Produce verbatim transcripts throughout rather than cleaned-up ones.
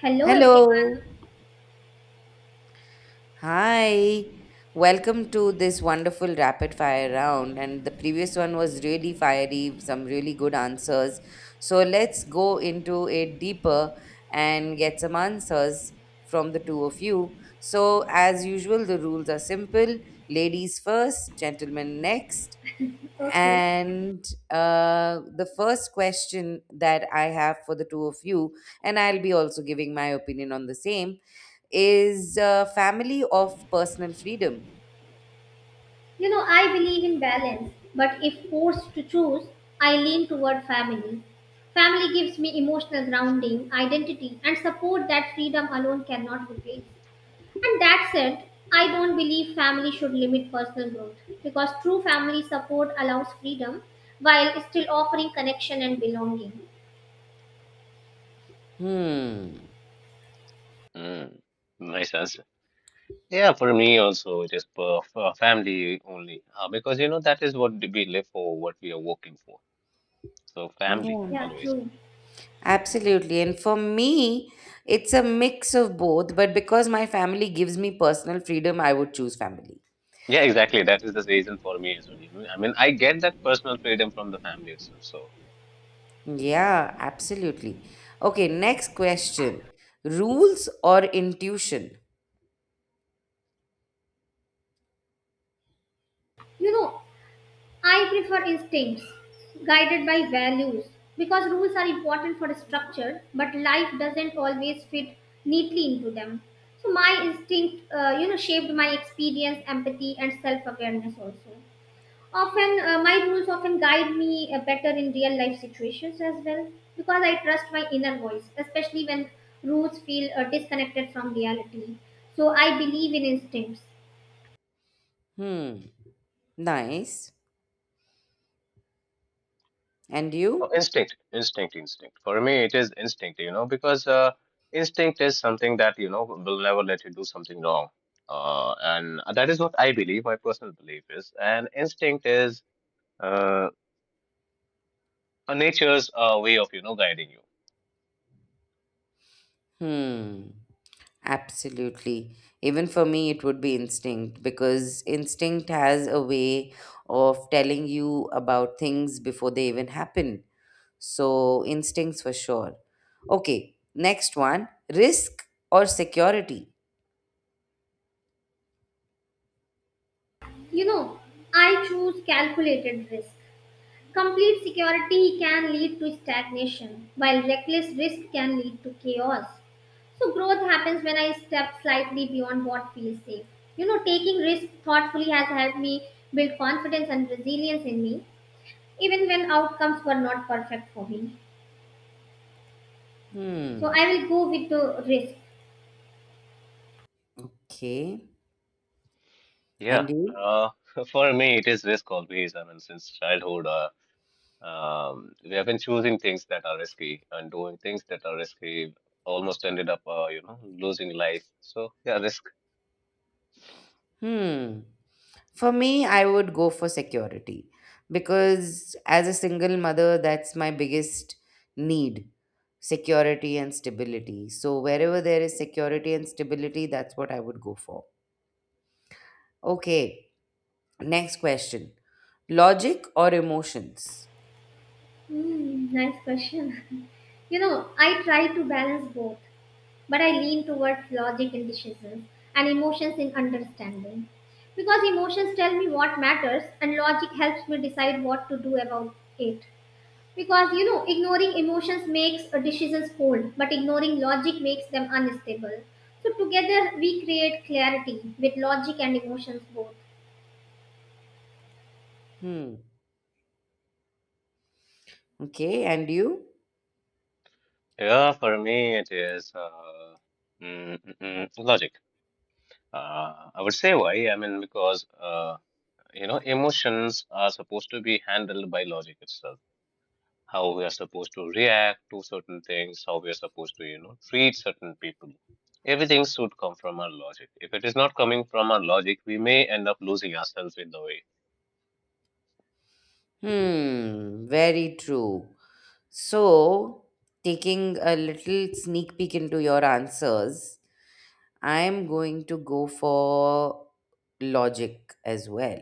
Hello, everyone. Hello. Hi. Welcome to this wonderful rapid fire round. And the previous one was really fiery, some really good answers. So let's go into it deeper and get some answers from the two of you. So, as usual, the rules are simple ladies first, gentlemen next. Okay. And uh, The first question that I have for the two of you, and I'll be also giving my opinion on the same, is uh, family of personal freedom. You know, I believe in balance, but if forced to choose, I lean toward family. Family gives me emotional grounding, identity, and support that freedom alone cannot replace. And that said, I don't believe family should limit personal growth because true family support allows freedom while still offering connection and belonging. Hmm. Mm, nice answer. Yeah, for me also, it is for, for family only. Uh, because, you know, that is what we live for, what we are working for. So, family, Yeah. Yeah, always. true. Absolutely. And for me, it's a mix of both, but because my family gives me personal freedom, I would choose family. Yeah, exactly. That is the reason for me as well. You know, I mean, I get that personal freedom from the family itself. So, Yeah, absolutely. Okay, next question. Rules or intuition? You know, I prefer instincts, guided by values, because rules are important for structure, but life doesn't always fit neatly into them. So my instinct, uh, you know, shaped my experience, empathy, and self-awareness also. Often, uh, my rules often guide me uh, better in real life situations as well, because I trust my inner voice, especially when rules feel uh, disconnected from reality. So I believe in instincts. Hmm, nice. And oh, you? instinct, instinct, instinct. For me, it is instinct, you know, because uh, instinct is something that, you know, will never let you do something wrong. Uh, and that is what I believe, my personal belief is. And instinct is. Uh, uh, nature's uh, way of you know guiding you. Hmm, absolutely. Even for me, it would be instinct because instinct has a way of telling you about things before they even happen. So, instincts for sure. Okay, next one, risk or security? You know, I choose calculated risk. Complete security can lead to stagnation, while reckless risk can lead to chaos. So, growth happens when I step slightly beyond what feels safe. You know, taking risk thoughtfully has helped me build confidence and resilience in me, even when outcomes were not perfect for me. So, Hmm, I will go with the risk. okay. Yeah, And you? uh, for me it is risk always. I mean, since childhood, uh, um, we have been choosing things that are risky and doing things that are risky. Almost ended up, uh, you know, losing life. So yeah, risk. Hmm. For me, I would go for security because, as a single mother, that's my biggest need, security and stability. So, wherever there is security and stability, that's what I would go for. Okay, next question, logic or emotions? Hmm, nice question. you know, I try to balance both, but I lean towards logic in decisions and emotions in understanding. Because emotions tell me what matters and logic helps me decide what to do about it. Because you know, ignoring emotions makes uh, decisions cold, but ignoring logic makes them unstable. So together we create clarity with logic and emotions both. Hmm. Okay, and you? Yeah, for me it is uh, mm, mm, mm, logic. Uh, I would say why. I mean, because uh, you know, emotions are supposed to be handled by logic itself how we are supposed to react to certain things, how we are supposed to, you know, treat certain people. Everything should come from our logic. If it is not coming from our logic, we may end up losing ourselves in the way. Hmm, very true. So, taking a little sneak peek into your answers, I'm going to go for logic as well.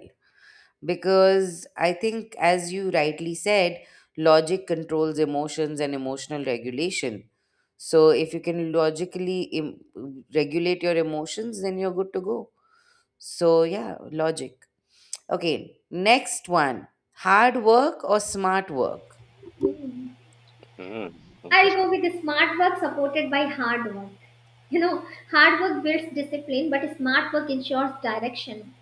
Because I think, as you rightly said, logic controls emotions and emotional regulation. So, if you can logically im- regulate your emotions, then you're good to go. So, yeah, logic. Okay, next one, hard work or smart work? Hmm. Hmm, I'll go interesting. with the smart work supported by hard work. You know, hard work builds discipline, but smart work ensures direction.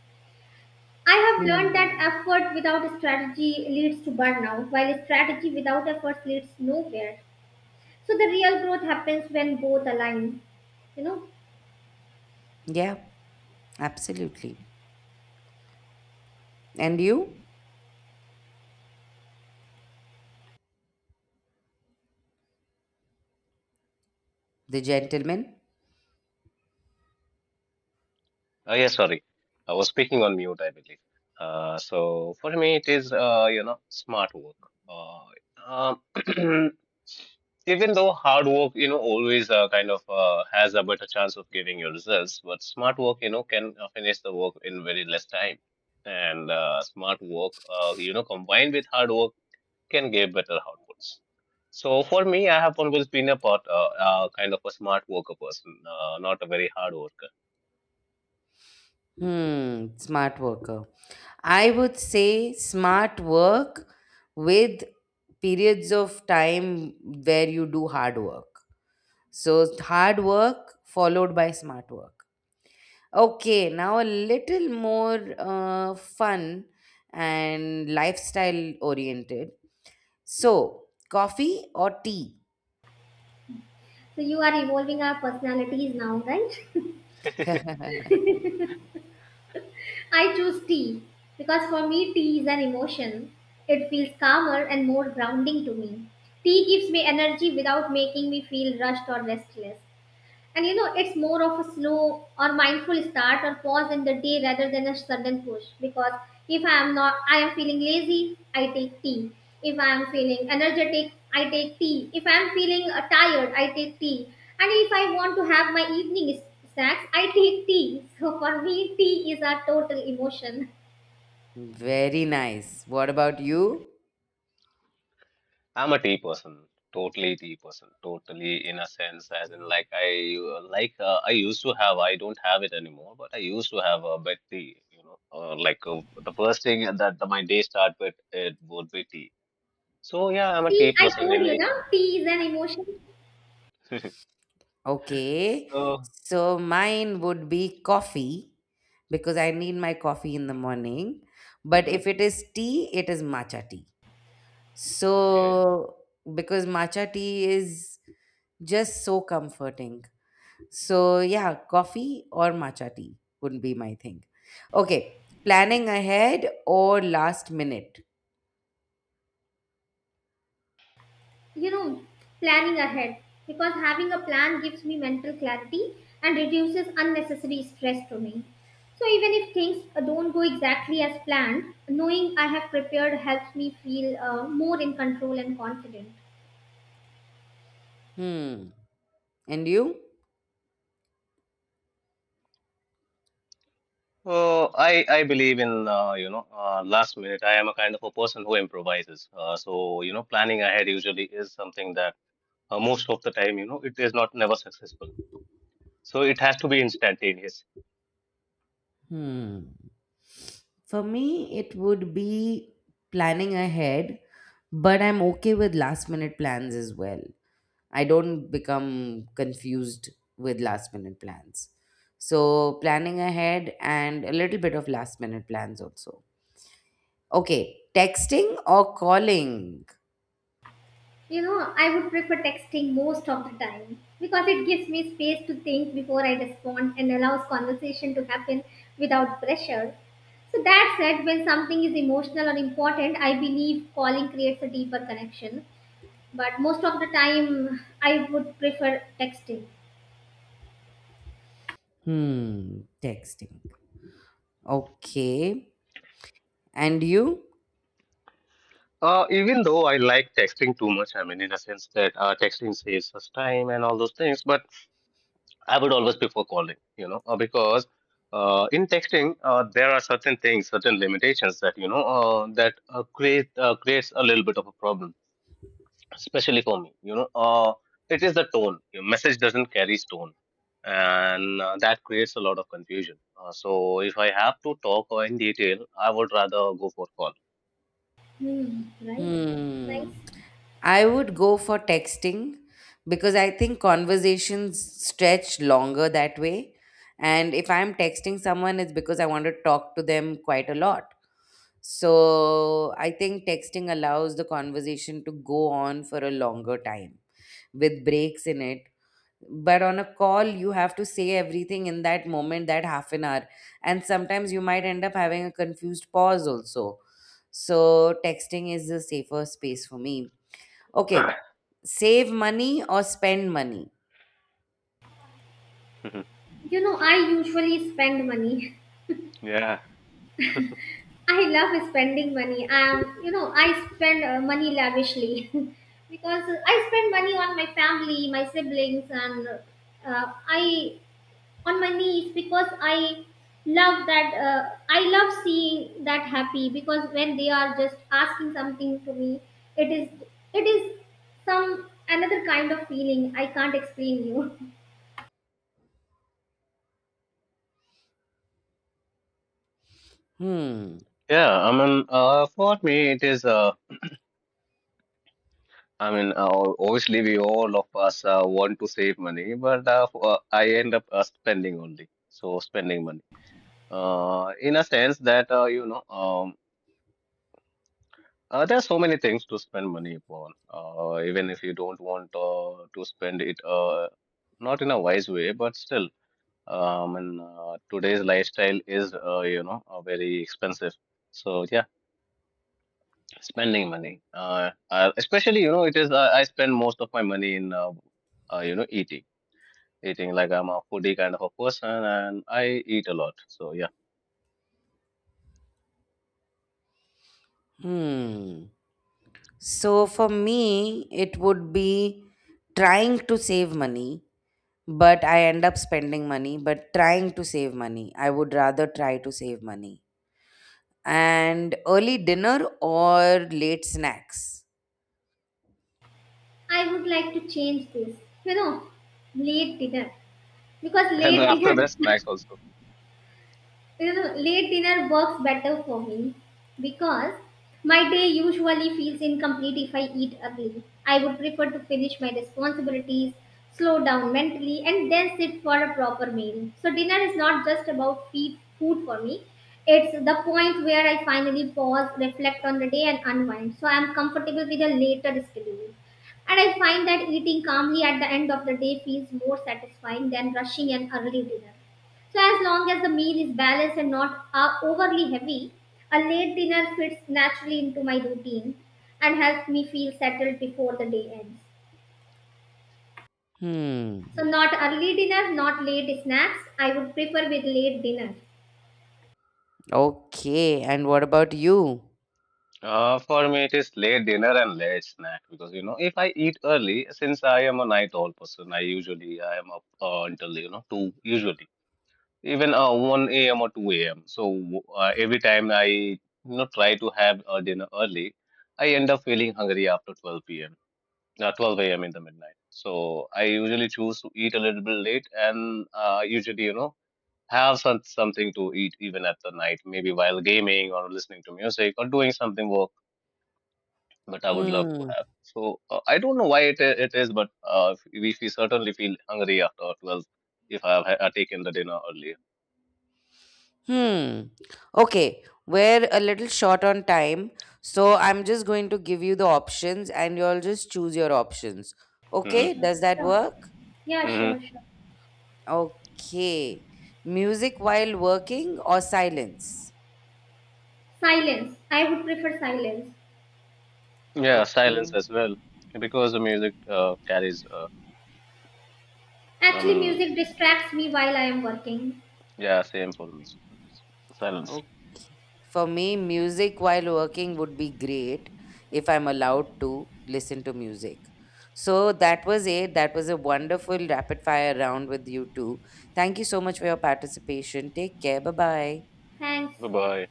I have learned that Hmm. effort without strategy leads to burnout, while strategy without efforts leads nowhere. So the real growth happens when both align, you know. Yeah. Absolutely. And you, the gentleman? Oh, yeah, sorry. I was speaking on mute, I believe. Uh, so for me, it is, uh, you know, smart work. Uh, um, even though hard work, you know, always uh, kind of uh, has a better chance of giving you results, but smart work, you know, can uh, finish the work in very less time. And uh, smart work, uh, you know, combined with hard work can give better outputs. So for me, I have always been a part, uh, uh, kind of a smart worker person, uh, not a very hard worker. Hmm, smart worker. I would say smart work with periods of time where you do hard work. So, hard work followed by smart work. Okay, now a little more uh, fun and lifestyle oriented. So, coffee or tea? So you are evolving our personalities now, right? I choose tea because for me tea is an emotion. It feels calmer and more grounding to me. Tea gives me energy without making me feel rushed or restless. And you know, it's more of a slow or mindful start or pause in the day rather than a sudden push. Because if I am not, I am feeling lazy, I take tea. If I am feeling energetic, I take tea. If I am feeling uh, tired, I take tea. And if I want to have my evening s- snacks, I take tea. So for me, tea is a total emotion. Very nice. What about you? I'm a tea person, totally tea person, totally in a sense, as in like I uh, like uh, I used to have. I don't have it anymore, but I used to have a bit tea. You know, uh, like uh, the first thing that the, my day start with it would be tea. So yeah, I'm a tea See, I person told in you it. now, tea is an emotion. Okay. So So mine would be coffee because I need my coffee in the morning. But hmm if it is tea, it is matcha tea. okay. So, because matcha tea is just so comforting. So yeah, coffee or matcha tea would be my thing. Okay. Planning ahead or last minute? You know, planning ahead, because having a plan gives me mental clarity and reduces unnecessary stress to me. So even if things uh, don't go exactly as planned, knowing I have prepared helps me feel uh, more in control and confident. Hmm. And you? So I I believe in uh, you know uh, last minute. I am a kind of a person who improvises. Uh, so you know, planning ahead usually is something that uh, most of the time you know it is not never successful. So it has to be instantaneous. Hmm. For me, it would be planning ahead, but I'm okay with last minute plans as well. I don't become confused with last minute plans. So, planning ahead and a little bit of last minute plans also. Okay, texting or calling? You know, I would prefer texting most of the time because it gives me space to think before I respond and allows conversation to happen without pressure. So that said, when something is emotional or important, I believe calling creates a deeper connection, but most of the time I would prefer texting. Hmm, texting. Okay. And you? Uh, even though I like texting too much, I mean, in a sense that uh, texting saves us time and all those things, but I would always prefer calling, you know, uh, because uh, in texting, uh, there are certain things, certain limitations that, you know, uh, that uh, create uh, creates a little bit of a problem, especially for me, you know, uh, it is the tone. Your message doesn't carry tone, and uh, that creates a lot of confusion. Uh, so if I have to talk or in detail, I would rather go for call. Hmm, right. Nice. Hmm. I would go for texting because I think conversations stretch longer that way. And if I'm texting someone, it's because I want to talk to them quite a lot. So I think texting allows the conversation to go on for a longer time with breaks in it, but on a call you have to say everything in that moment, that half an hour, and sometimes you might end up having a confused pause also. So texting is a safer space for me. Okay, save money or spend money? You know, I usually spend money. Yeah, I love spending money. Um, you know, I spend uh, money lavishly because I spend money on my family, my siblings, and uh, I on my knees because I love that. Uh, I love seeing that happy because when they are just asking something to me, it is it is some another kind of feeling I can't explain you. Hmm. yeah. I mean, uh, for me, it is. Uh, I mean, uh, obviously, we all of us uh, want to save money, but uh, f- uh, I end up uh, spending only. So spending money. Uh, in a sense that uh, you know, um, uh, there are so many things to spend money upon. Uh, even if you don't want uh, to spend it, uh, not in a wise way, but still, um, and uh, today's lifestyle is, uh, you know, uh, very expensive. So yeah. Spending money, uh, uh, especially you know, it is uh, I spend most of my money in uh, uh, you know eating, eating like I'm a foodie kind of a person, and I eat a lot. So yeah, Hmm. So for me, it would be trying to save money, but I end up spending money. But trying to save money, I would rather try to save money. And early dinner or late snacks? I would like to change this. You know, late dinner, because and late after dinner that, snacks also. you know, late dinner works better for me because my day usually feels incomplete if I eat early. I would prefer to finish my responsibilities, slow down mentally, and then sit for a proper meal. So, dinner is not just about feed, food for me, it's the point where I finally pause, reflect on the day, and unwind. So, I'm comfortable with a later schedule. And I find that eating calmly at the end of the day feels more satisfying than rushing an early dinner. So, as long as the meal is balanced and not uh, overly heavy, a late dinner fits naturally into my routine and helps me feel settled before the day ends. Hmm. So, not early dinner, not late snacks. I would prefer with late dinner. Okay. And what about you? Uh, for me, it is late dinner and late snack because you know if I eat early, since I am a night owl person, I usually I am up uh, until you know two usually even uh, one a m or two a m. So uh, every time I you know try to have a dinner early, I end up feeling hungry after twelve p m uh, twelve a m in the midnight. So I usually choose to eat a little bit late and uh, usually, you know, have some, something to eat even at the night, maybe while gaming or listening to music or doing something work that I would love to Hmm. have. So uh, I don't know why it, i- it is, but uh, we, we certainly feel hungry after twelve if I have ha- taken the dinner earlier. Hmm. Okay. We're a little short on time. So I'm just going to give you the options and you'll just choose your options. Hmm. Okay. Sure, Does that sure. work? Yeah, Hmm. sure, sure. Okay. Music while working or silence? Silence. I would prefer silence. Yeah, silence Okay. as well. Because the music uh, carries, uh, I Actually, mean, music distracts me while I am working. yeah, same for me. Silence. Okay. For me, music while working would be great if I'm allowed to listen to music. So that was it. That was a wonderful rapid fire round with you two. Thank you so much for your participation. Take care. Bye bye. Thanks. Bye bye.